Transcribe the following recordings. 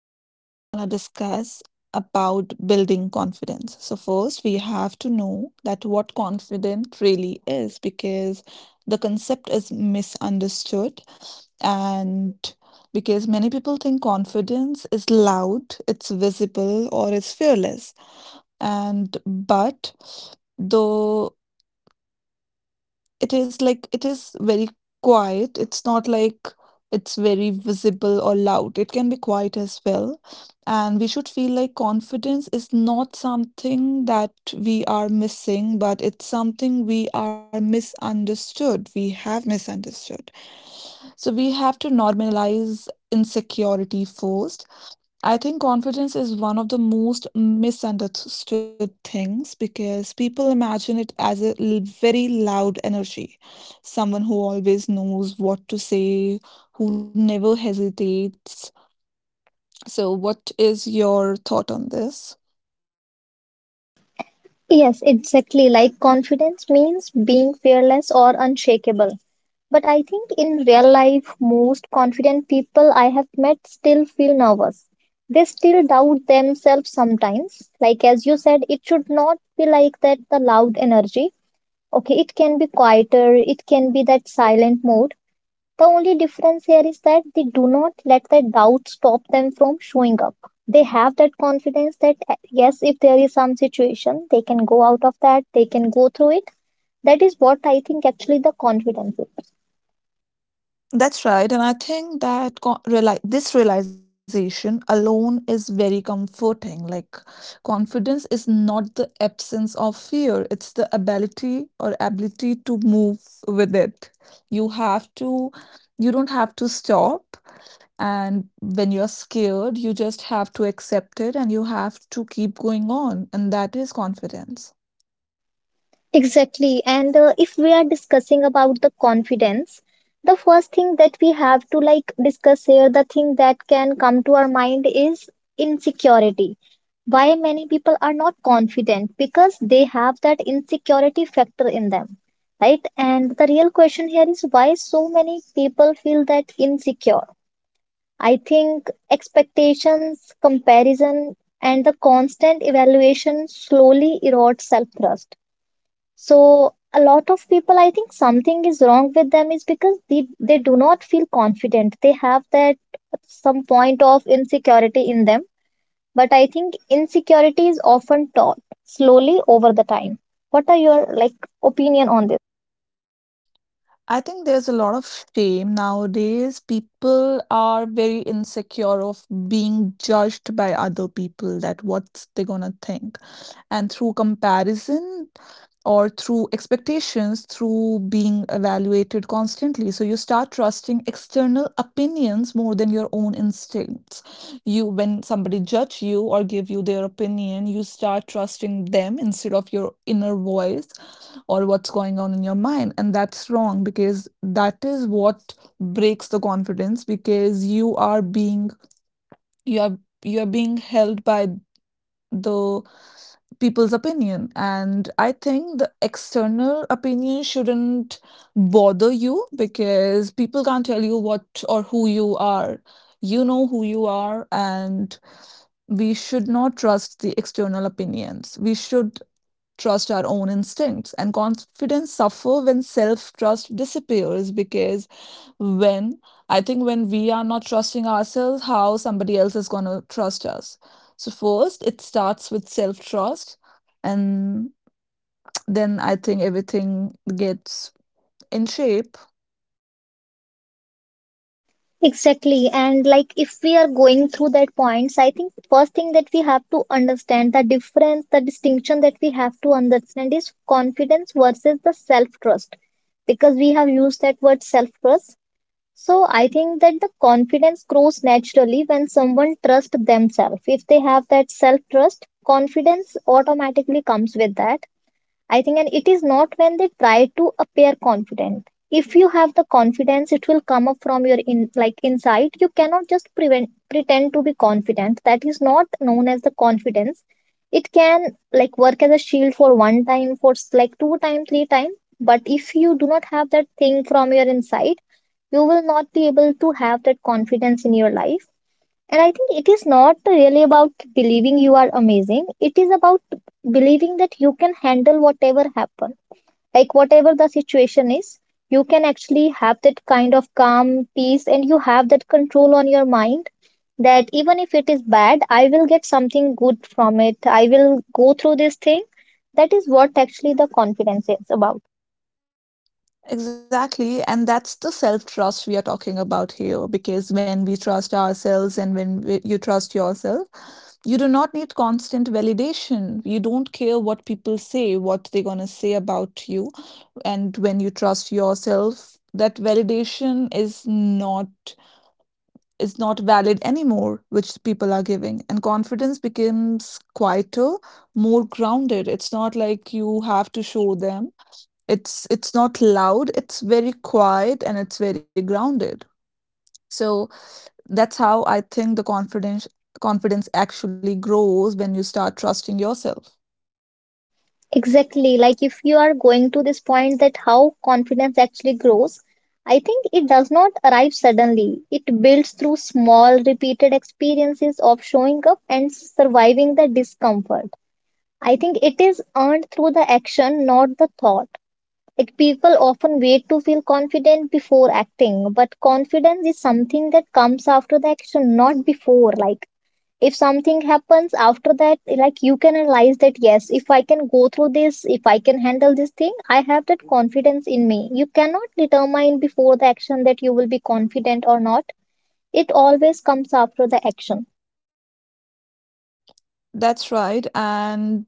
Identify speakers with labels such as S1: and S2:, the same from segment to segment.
S1: so today we're going to discuss about building confidence. So first we have to know that what confidence really is because the concept is misunderstood and because many people think confidence is loud, it's visible or it's fearless. And but the it is like it is very quiet. It's not like it's very visible or loud. It can be quiet as well. And we should feel like confidence is not something that we are missing, but it's something we are misunderstood. We have misunderstood. So we have to normalize insecurity first. I think confidence is one of the most misunderstood things because people imagine it as very loud energy. Someone who always knows what to say, who never hesitates. So, what is your thought on this?
S2: Yes, exactly. Like confidence means being fearless or unshakable. But I think in real life, most confident people I have met still feel nervous. They still doubt themselves sometimes. Like, as you said, it should not be like that the loud energy. Okay, it can be quieter, it can be that silent mode. The only difference here is that they do not let the doubt stop them from showing up. They have that confidence that, yes, if there is some situation, they can go out of that, they can go through it. That is what I think actually the confidence is.
S1: That's right, and I think that this realization alone is very comforting. Like, confidence is not the absence of fear, it's the ability to move with it. You have to, you don't have to stop. And when you're scared, you just have to accept it and you have to keep going on. And that is confidence.
S2: Exactly. And if we are discussing about the confidence, the first thing that we have to like discuss here, the thing that can come to our mind is insecurity. Why many people are not confident? Because they have that insecurity factor in them, right? And the real question here is why so many people feel that insecure? I think expectations, comparison, and the constant evaluation slowly erode self trust, so a lot of people, I think something is wrong with them is because they do not feel confident. They have that some point of insecurity in them. But I think insecurity is often taught slowly over the time. What are your like opinion on this?
S1: I think there's a lot of shame nowadays. People are very insecure of being judged by other people that what's they gonna think. And through comparison or through expectations, through being evaluated constantly. So you start trusting external opinions more than your own instincts. You, when somebody judge you or give you their opinion, you start trusting them instead of your inner voice or what's going on in your mind, and that's wrong because that is what breaks the confidence because you are you are being held by the people's opinion. And I think the external opinion shouldn't bother you because people can't tell you what or who you are. You know who you are, and we should not trust the external opinions. We should trust our own instincts, and confidence suffer when self-trust disappears because when I think when we are not trusting ourselves, how somebody else is going to trust us? So first it starts with self-trust, and then I think everything gets in shape.
S2: Exactly. And like if we are going through that points, I think first thing that we have to understand the difference, the distinction that we have to understand is confidence versus the self trust, because we have used that word self trust. So I think that the confidence grows naturally when someone trusts themselves. If they have that self trust, confidence automatically comes with that. I think, and it is not when they try to appear confident. If you have the confidence, it will come up from your in like inside. You cannot just prevent pretend to be confident. That is not known as the confidence. It can like work as a shield for one time, for s- like two time, three time. But if you do not have that thing from your inside, you will not be able to have that confidence in your life, and I think it is not really about believing you are amazing. It is about believing that you can handle whatever happen. Like whatever the situation is, you can actually have that kind of calm, peace, and you have that control on your mind that even if it is bad, I will get something good from it. I will go through this thing. That is what actually the confidence is about.
S1: Exactly. And that's the self trust we are talking about here. Because when we trust ourselves and you trust yourself, you do not need constant validation. You don't care what people say, what they're going to say about you. And when you trust yourself, that validation is not valid anymore which people are giving, and confidence becomes quieter, more grounded. It's not like you have to show them. It's not loud, it's very quiet and it's very grounded. So that's how I think the confidence actually grows when you start trusting yourself.
S2: Exactly. Like if you are going to this point that how confidence actually grows, I think it does not arrive suddenly. It builds through small repeated experiences of showing up and surviving the discomfort. I think it is earned through the action, not the thought. Like people often wait to feel confident before acting, but confidence is something that comes after the action, not before. Like if something happens after that, like you can realize that yes, if I can go through this, if I can handle this thing, I have that confidence in me. You cannot determine before the action that you will be confident or not. It always comes after the action.
S1: That's right. And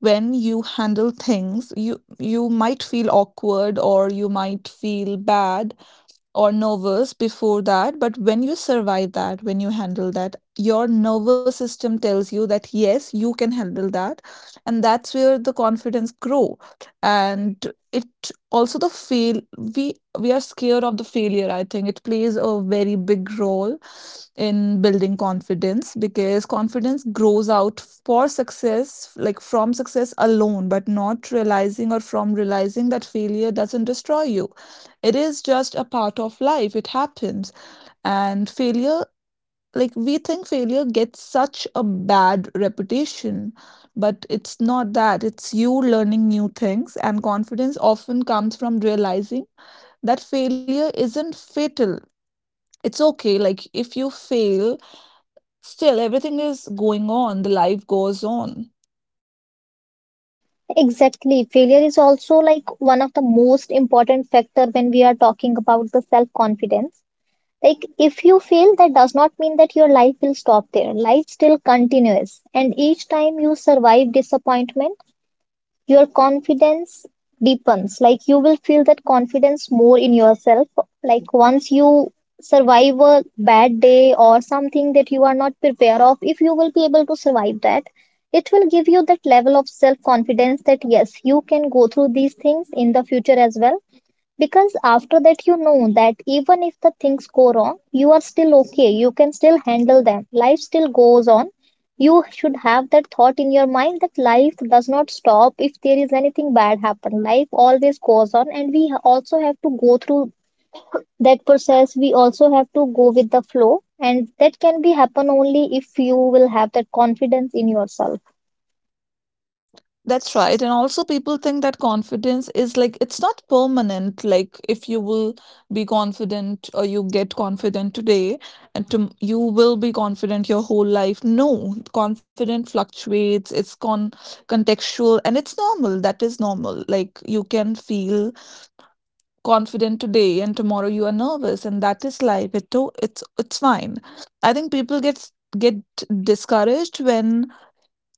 S1: when you handle things, you might feel awkward or you might feel bad or nervous before that, but when you survive that, when you handle that, your nervous system tells you that yes, you can handle that. And that's where the confidence grow. And it also the fail we are scared of the failure. I think it plays a very big role in building confidence because confidence grows out for success, like from success alone, but not realizing or from realizing that failure doesn't destroy you. It is just a part of life. It happens. And failure, like we think failure gets such a bad reputation, but it's not that. It's you learning new things, and confidence often comes from realizing that failure isn't fatal. It's okay. Like if you fail, still everything is going on, the life goes on.
S2: Exactly, failure is also like one of the most important factor when we are talking about the self confidence. Like if you fail, that does not mean that your life will stop there, life still continues, and each time you survive disappointment your confidence deepens. Like you will feel that confidence more in yourself. Like once you survive a bad day or something that you are not prepared of, if you will be able to survive that, it will give you that level of self confidence that yes, you can go through these things in the future as well, because after that, you know that even if the things go wrong, you are still okay. You can still handle them. Life still goes on. You should have that thought in your mind that life does not stop if there is anything bad happen. Life always goes on, and we ha- also have to go through that process. We also have to go with the flow, and that can be happen only if you will have that confidence in yourself.
S1: That's right. And also, people think that confidence is like it's not permanent. Like, if you will be confident or you get confident today, you will be confident your whole life. No, confidence fluctuates, it's contextual and it's normal. That is normal. Like, you can feel confident today and tomorrow you are nervous, and that is life. It's fine. I think people get discouraged when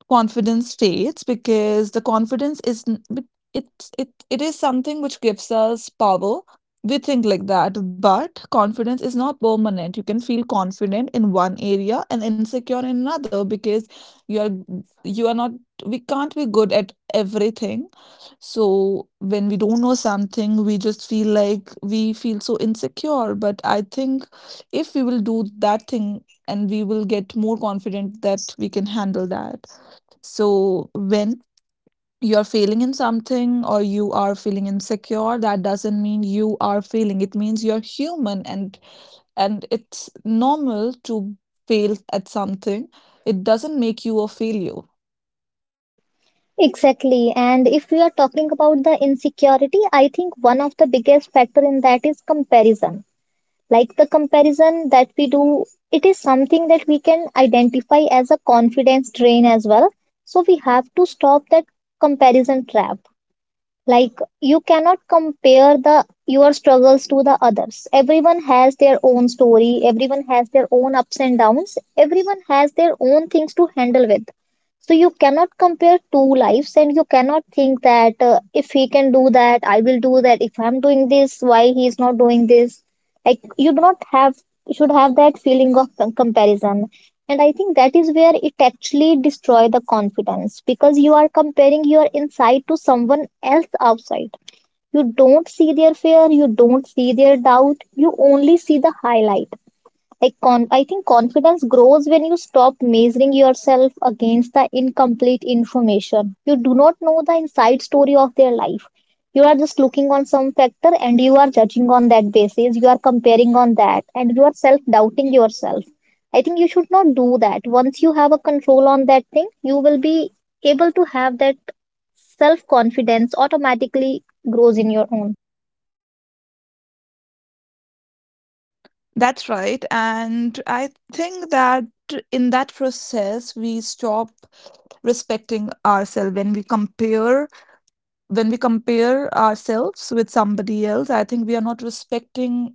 S1: confidence states because the confidence is n- b- it's it it is something which gives us power. We think like that, but confidence is not permanent. You can feel confident in one area and insecure in another because you are you are not we can't be good at everything. So when we don't know something, we feel so insecure. But I think if we will do that thing, and we will get more confident that we can handle that. So when you're failing in something or you are feeling insecure, that doesn't mean you are failing. It means you're human, and it's normal to fail at something. It doesn't make you a failure.
S2: Exactly. And if we are talking about the insecurity, I think one of the biggest factor in that is comparison. Like the comparison that we do, it is something that we can identify as a confidence drain as well, so we have to stop that comparison trap. Like you cannot compare the your struggles to the others. Everyone has their own story, everyone has their own ups and downs, everyone has their own things to handle with. So you cannot compare two lives and you cannot think that if he can do that, I will do that. If I'm doing this, why he is not doing this? Like you do not have should have that feeling of com- comparison, and I think that is where it actually destroys the confidence, because you are comparing your inside to someone else outside. You don't see their fear, you don't see their doubt, you only see the highlight. I think confidence grows when you stop measuring yourself against the incomplete information. You do not know the inside story of their life. You are just looking on some factor and you are judging on that basis. You are comparing on that and you are self doubting yourself. I think you should not do that. Once you have a control on that thing, you will be able to have that self confidence automatically grows in your own.
S1: That's right. And I think that in that process we stop respecting ourselves when we compare, ourselves with somebody else. I think we are not respecting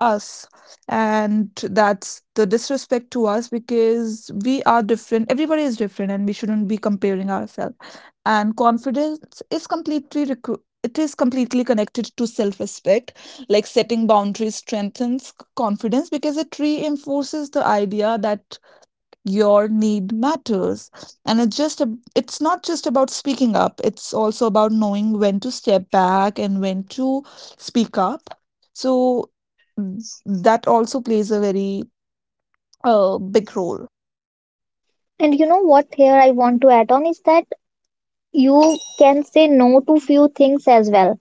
S1: us, and that's the disrespect to us because we are different, everybody is different, and we shouldn't be comparing ourselves. And confidence is completely it is completely connected to self-respect. Like setting boundaries strengthens confidence because it reinforces the idea that your need matters. And it's not just about speaking up, it's also about knowing when to step back and when to speak up. So that also plays a very big role.
S2: And you know what, here I want to add on is that you can say no to few things as well.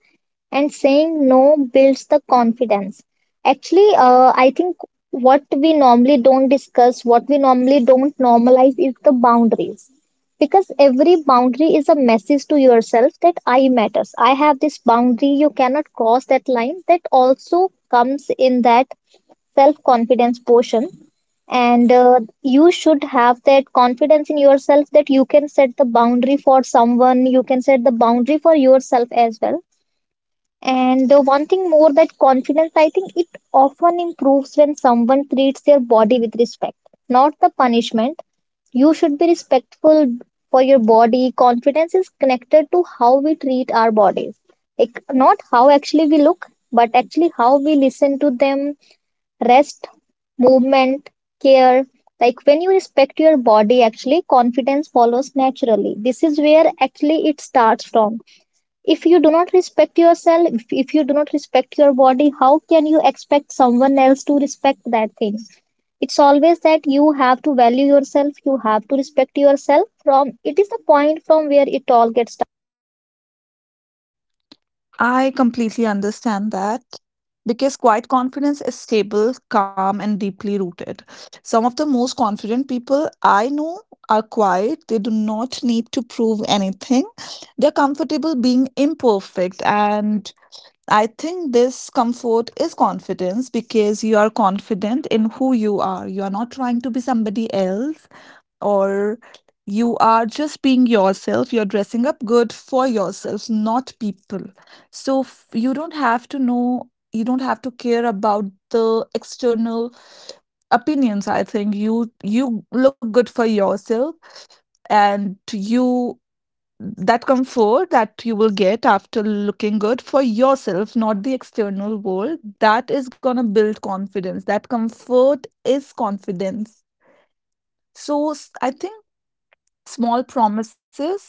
S2: And saying no builds the confidence. Actually, I think what we normally don't discuss, what we normally don't normalize is the boundaries. Because every boundary is a message to yourself that I matters. I have this boundary, you cannot cross that line. That also comes in that self-confidence portion, and you should have that confidence in yourself that you can set the boundary for someone, you can set the boundary for yourself as well. And the one thing more that confidence, I think it often improves when someone treats their body with respect, not the punishment. You should be respectful for your body. Confidence is connected to how we treat our bodies, like not how actually we look, but actually how we listen to them. Rest, movement, care. Like when you respect your body, actually, confidence follows naturally. This is where actually it starts from. If you do not respect yourself, if you do not respect your body, how can you expect someone else to respect that thing? It's always that you have to value yourself, you have to respect yourself. From it is the point from where it all gets.
S1: I completely understand that because quiet confidence is stable, calm and deeply rooted. Some of the most confident people I know are quiet. They do not need to prove anything. They're comfortable being imperfect, and I think this comfort is confidence because you are confident in who you are. You are not trying to be somebody else, or you are just being yourself. You're dressing up good for yourself, not people. So you don't have to care about the external opinions. I think you look good for yourself, and you that comfort that you will get after looking good for yourself, not the external world, that is going to build confidence. That comfort is confidence. So I think small promises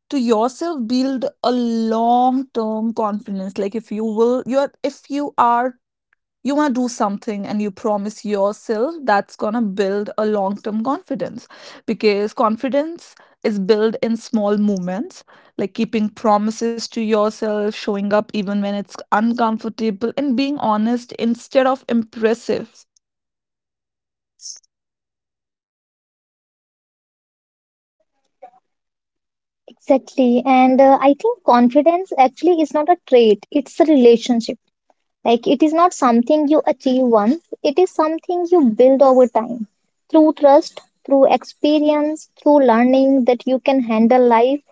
S1: to yourself build a long term confidence. Like if you will you are if you are you want to do something and you promise yourself, that's going to build a long term confidence because confidence is built in small moments, like keeping promises to yourself, showing up even when it's uncomfortable, and being honest instead of impressive.
S2: Exactly. And I think confidence actually is not a trait, it's a relationship. Like it is not something you achieve once, it is something you build over time through trust, through experience, through learning that you can handle life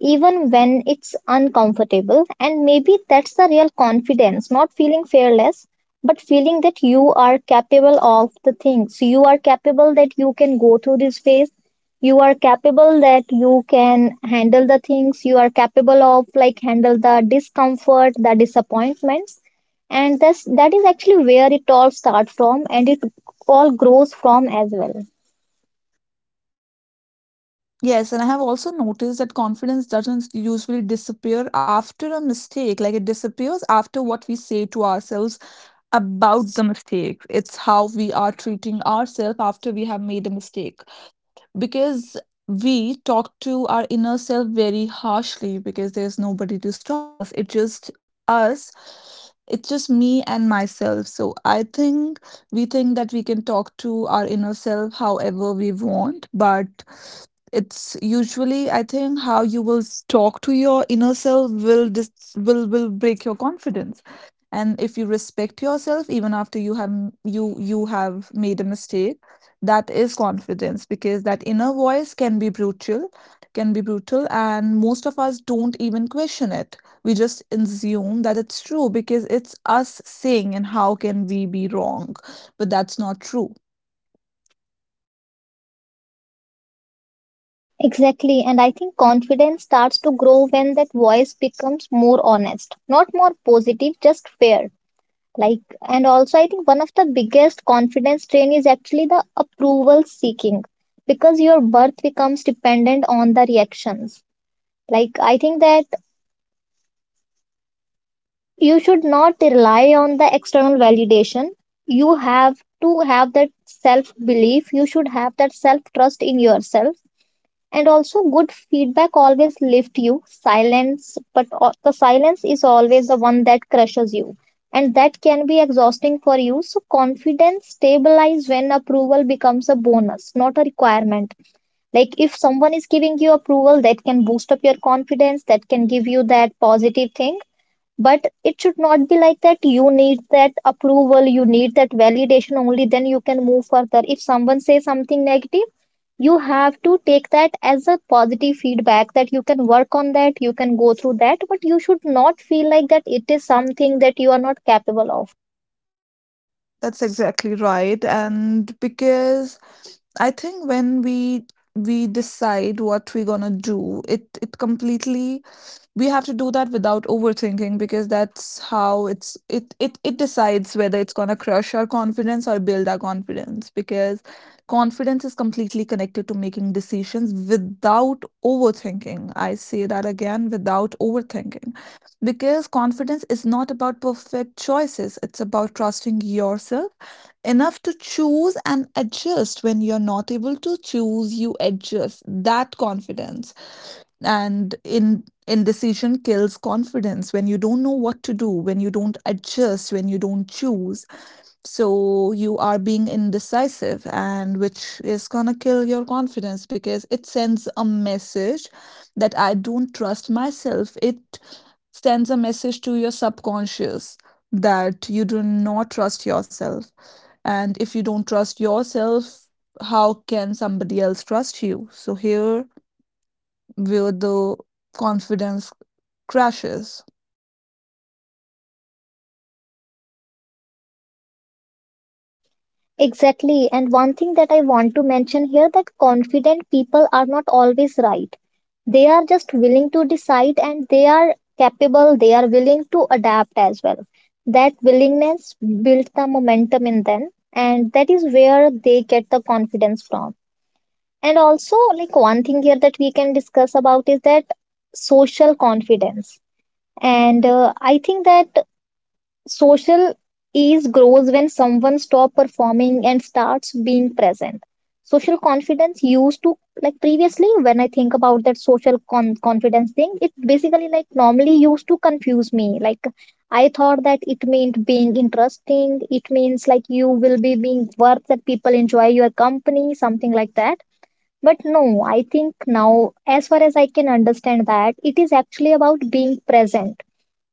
S2: even when it's uncomfortable. And maybe that's the real confidence, not feeling fearless, but feeling that you are capable of the things. You are capable that you can go through this phase. You are capable that you can handle the things. You are capable of like handle the discomfort, the disappointments. That is actually where it all starts from and it all grows from as well.
S1: Yes, and I have also noticed that confidence doesn't usually disappear after a mistake. Like it disappears after what we say to ourselves about the mistake. It's how we are treating ourselves after we have made a mistake because we talk to our inner self very harshly because there's nobody to stop us. It's just us. It's just me and myself. So I think we think that we can talk to our inner self however we want, but it's usually I think how you will talk to your inner self will dis will break your confidence. And if you respect yourself, even after you have m- you have made a mistake, that is confidence because that inner voice can be brutal. And most of us don't even question it. We just assume that it's true because it's us saying, and how can we be wrong? But that's not true.
S2: Exactly. And I think confidence starts to grow when that voice becomes more honest, not more positive, just fair. Like, and also, I think one of the biggest confidence strain is actually the approval seeking, because your worth becomes dependent on the reactions. Like, I think that you should not rely on the external validation. You have to have that self belief. You should have that self trust in yourself, and also good feedback always lifts you silence, but the silence is always the one that crushes you, and that can be exhausting for you. So confidence stabilizes when approval becomes a bonus, not a requirement. Like, if someone is giving you approval, that can boost up your confidence, that can give you that positive thing, but it should not be like that you need that approval, you need that validation only then you can move further. If someone says something negative, you have to take that as a positive feedback that you can work on that, you can go through that, but you should not feel like that it is something that you are not capable of.
S1: That's exactly right. And because I think when we decide what we're gonna do, it completely we have to do that without overthinking because that's how it decides whether it's going to crush our confidence or build our confidence because confidence is completely connected to making decisions without overthinking. I say that again, without overthinking, because confidence is not about perfect choices, it's about trusting yourself enough to choose and adjust. When you're not able to choose, you adjust that confidence. And in indecision kills confidence. When you don't know what to do, when you don't adjust, when you don't choose, so you are being indecisive, and which is gonna kill your confidence because it sends a message that I don't trust myself. It sends a message to your subconscious that you do not trust yourself. And if you don't trust yourself, how can somebody else trust you? So here where the confidence crashes.
S2: Exactly. And one thing that I want to mention here, that confident people are not always right. They are just willing to decide, and they are capable, they are willing to adapt as well. That willingness builds the momentum in them, and that is where they get the confidence from. And also, like, one thing here that we can discuss about is that social confidence. And I think that social ease grows when someone stop performing and starts being present. Social confidence used to, like previously when I think about that confidence thing, it basically like normally used to confuse me. Like, I thought that it meant being interesting. It means like you will be being worth that people enjoy your company, something like that. But no, I think now, as far as I can understand that, it is actually about being present,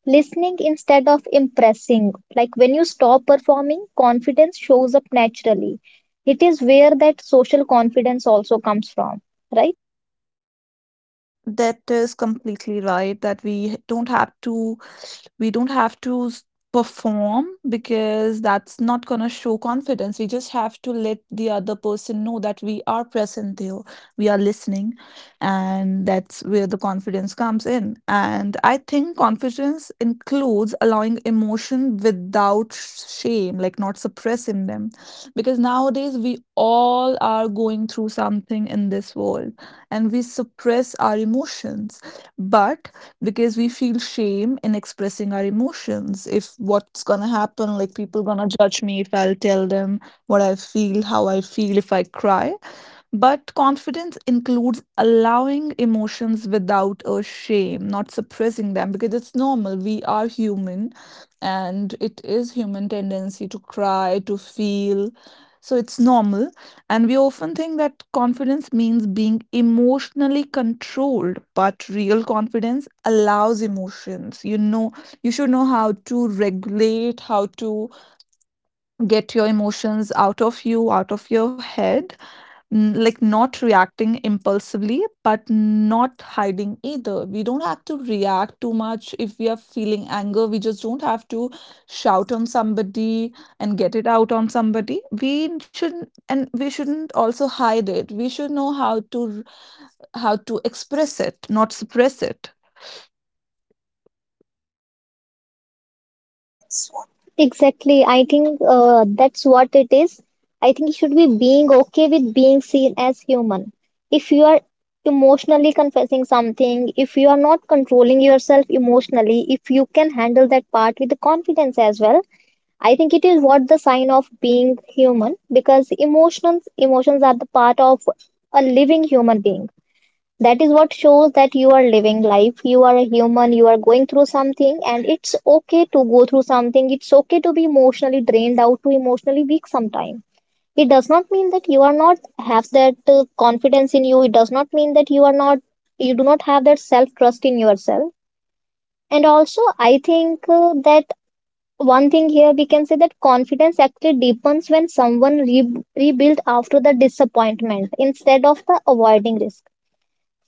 S2: listening instead of impressing. Like, when you stop performing, confidence shows up naturally. It is where that social confidence also comes from, right?
S1: That is completely right, that we don't have to perform because that's not going to show confidence. We just have to let the other person know that we are present there, we are listening, and that's where the confidence comes in. And I think confidence includes allowing emotion without shame, like not suppressing them. Because nowadays we all are going through something in this world, and we suppress our emotions. But because we feel shame in expressing our emotions. If what's gonna happen, like, people gonna judge me if I'll tell them what I feel, how I feel, if I cry? But confidence includes allowing emotions without a shame, not suppressing them, because it's normal, we are human, and it is human tendency to cry, to feel. So it's normal. And we often think that confidence means being emotionally controlled, but real confidence allows emotions. You know, you should know how to regulate, how to get your emotions out of you, out of your head, like not reacting impulsively, but not hiding either. We don't have to react too much if we are feeling anger. We just don't have to shout on somebody and get it out on somebody. We shouldn't, and we shouldn't also hide it. We should know how to how to express it, not suppress it.
S2: Exactly. I think that's what it is. I think you should be being okay with being seen as human. If you are emotionally confessing something, if you are not controlling yourself emotionally, if you can handle that part with the confidence as well, I think it is what the sign of being human, because emotions are the part of a living human being. That is what shows that you are living life. You are a human. You are going through something, and it's okay to go through something. It's okay to be emotionally drained out, to emotionally weak sometime. It does not mean that you are not have that confidence in you. It does not mean that you are not, you do not have that self trust in yourself. And also, I think that one thing here we can say, that confidence actually deepens when someone rebuild after the disappointment instead of the avoiding risk.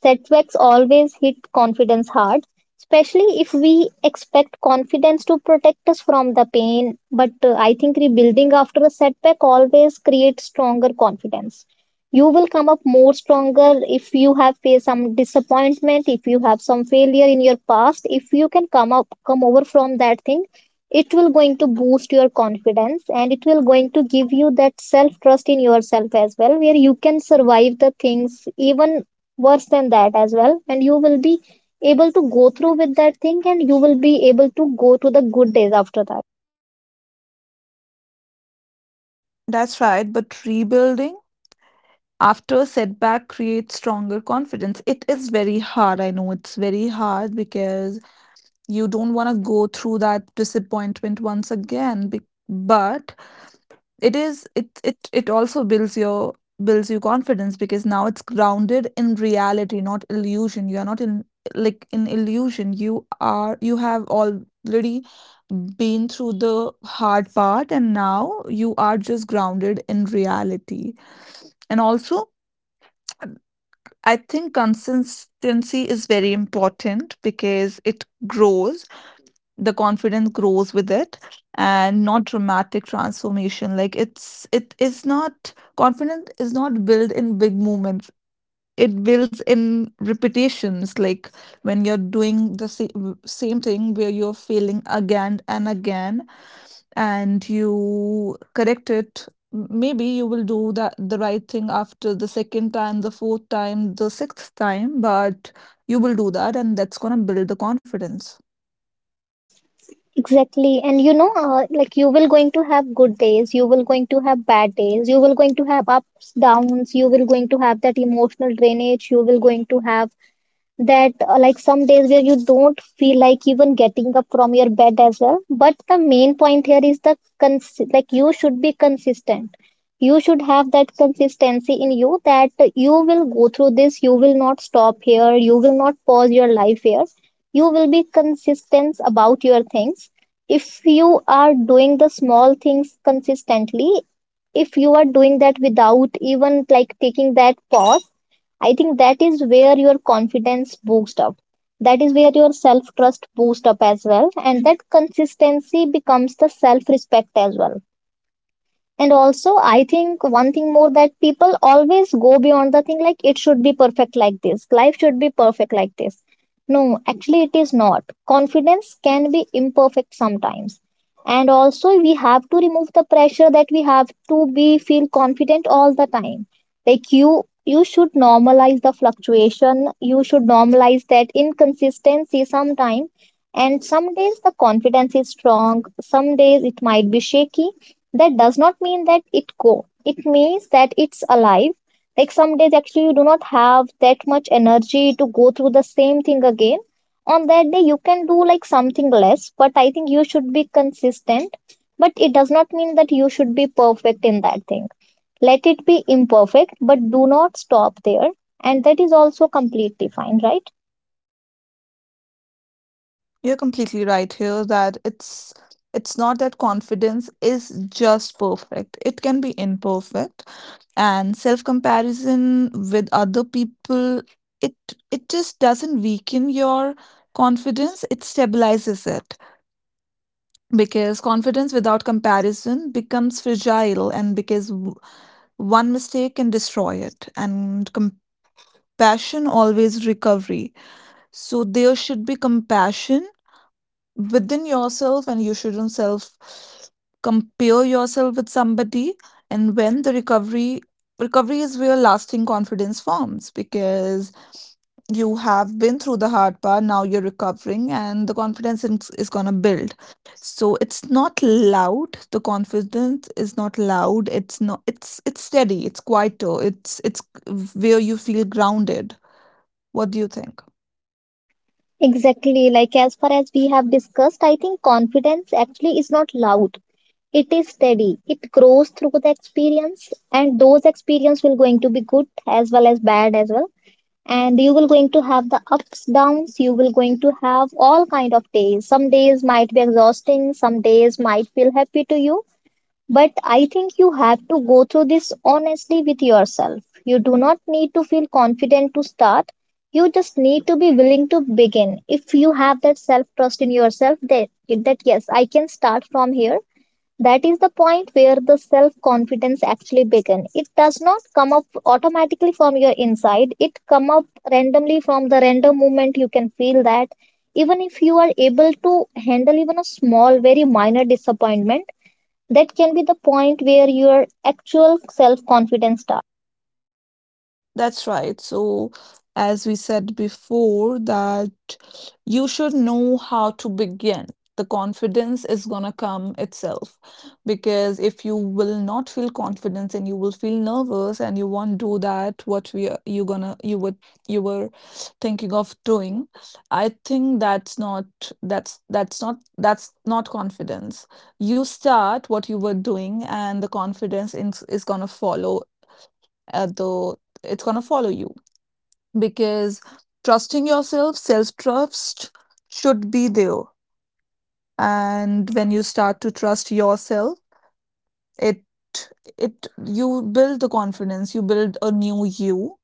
S2: Setbacks always hit confidence hard, especially if we expect confidence to protect us from the pain. But I think rebuilding after a setback always creates stronger confidence. You will come up more stronger if you have faced some disappointment, if you have some failure in your past, if you can come over from that thing, it will going to boost your confidence, and it will going to give you that self trust in yourself as well, where you can survive the things even worse than that as well, and you will be able to go through with that thing, and you will be able to go to the good days after that.
S1: That's right, but rebuilding after setback creates stronger confidence. It is very hard. I know it's very hard because you don't want to go through that disappointment once again. But it is it it it also builds your confidence, because now it's grounded in reality, not illusion. You are not in, like, in illusion. You have already been through the hard part and now you are just grounded in reality. And also, I think consistency is very important because it grows, the confidence grows with it, and not dramatic transformation. Like it is not, confidence is not built in big moments, it builds in repetitions. Like when you're doing the same thing, where you're failing again and again and you correct it. Maybe you will do that the right thing after the second time, the fourth time, the sixth time, but you will do that, and that's going to build the confidence.
S2: Exactly. And you know, like, you will going to have good days, you will going to have bad days, you will going to have ups downs, you will going to have that emotional drainage, you will going to have that like some days where you don't feel like even getting up from your bed as well. But the main point here is like you should be consistent, you should have that consistency in you, that you will go through this, you will not stop here, you will not pause your life here, you will be consistent about your things. If you are doing the small things consistently, if you are doing that without even like taking that pause, I think that is where your confidence boosts up. That is where your self trust boosts up as well. And that consistency becomes the self respect as well. And also, I think one thing more, that people always go beyond the thing like it should be perfect like this, life should be perfect like this. No, actually, it is not. Confidence can be imperfect sometimes. And also, we have to remove the pressure that we have to be feel confident all the time. Like, you should normalize the fluctuation. You should normalize that inconsistency sometime. And some days the confidence is strong, some days it might be shaky. That does not mean that it means that it's alive. Like, some days actually you do not have that much energy to go through the same thing again. On that day you can do like something less, but I think you should be consistent, but it does not mean that you should be perfect in that thing. Let it be imperfect, but do not stop there, and that is also completely fine, right?
S1: You're completely right here that it's not that confidence is just perfect. It can be imperfect. And self-comparison with other people, it it just doesn't weaken your confidence, it stabilizes it. Because confidence without comparison becomes fragile, and because one mistake can destroy it, and compassion always recovery. So there should be compassion within yourself, and you shouldn't self compare yourself with somebody. And when the recovery is where lasting confidence forms, because you have been through the hard part, now you're recovering, and the confidence is going to build. So it's not loud, the confidence is not loud, it's not it's it's steady, it's quieter, it's where you feel grounded. What do you think?
S2: Exactly. Like, as far as we have discussed, I think confidence actually is not loud. It is steady. It grows through the experience, and those experience will going to be good as well as bad as well. And you will going to have the ups downs. You will going to have all kind of days. Some days might be exhausting. Some days might feel happy to you. But I think you have to go through this honestly with yourself. You do not need to feel confident to start. You just need to be willing to begin. If you have that self trust in yourself, that yes, I can start from here, that is the point where the self confidence actually begins. It does not come up automatically from your inside. It come up randomly from the random moment. You can feel that even if you are able to handle even a small, very minor disappointment, that can be the point where your actual self confidence starts.
S1: That's right. So, as we said before, that you should know how to begin. The confidence is gonna come itself. Because if you will not feel confidence and you will feel nervous and you won't do that, what we are, you gonna, you would, you were thinking of doing, I think that's not, that's not confidence. You start what you were doing and the confidence is gonna follow. Though it's going to follow you, because trusting yourself, self trust should be there. And when you start to trust yourself, it it you build the confidence, you build a new you.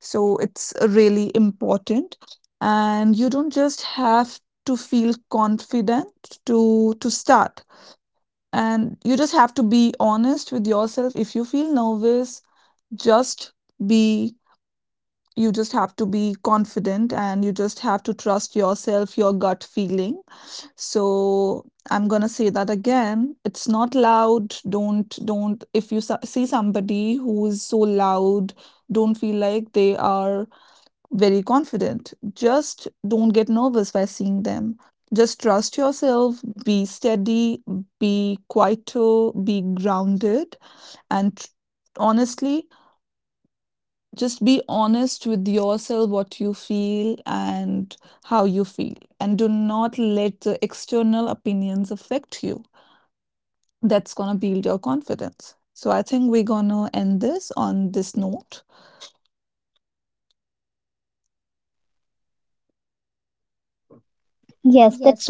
S1: So it's really important, and you don't just have to feel confident to start. And you just have to be honest with yourself. If you feel nervous, just be, you just have to be confident and you just have to trust yourself, your gut feeling. So I'm gonna say that again. It's not loud. Don't. If you see somebody who is so loud, don't feel like they are very confident. Just don't get nervous by seeing them. Just trust yourself. Be steady. Be quieter. Be grounded. And honestly, just be honest with yourself what you feel and how you feel, and do not let the external opinions affect you. That's going to build your confidence. So I think we're going to end this on this note. Yes.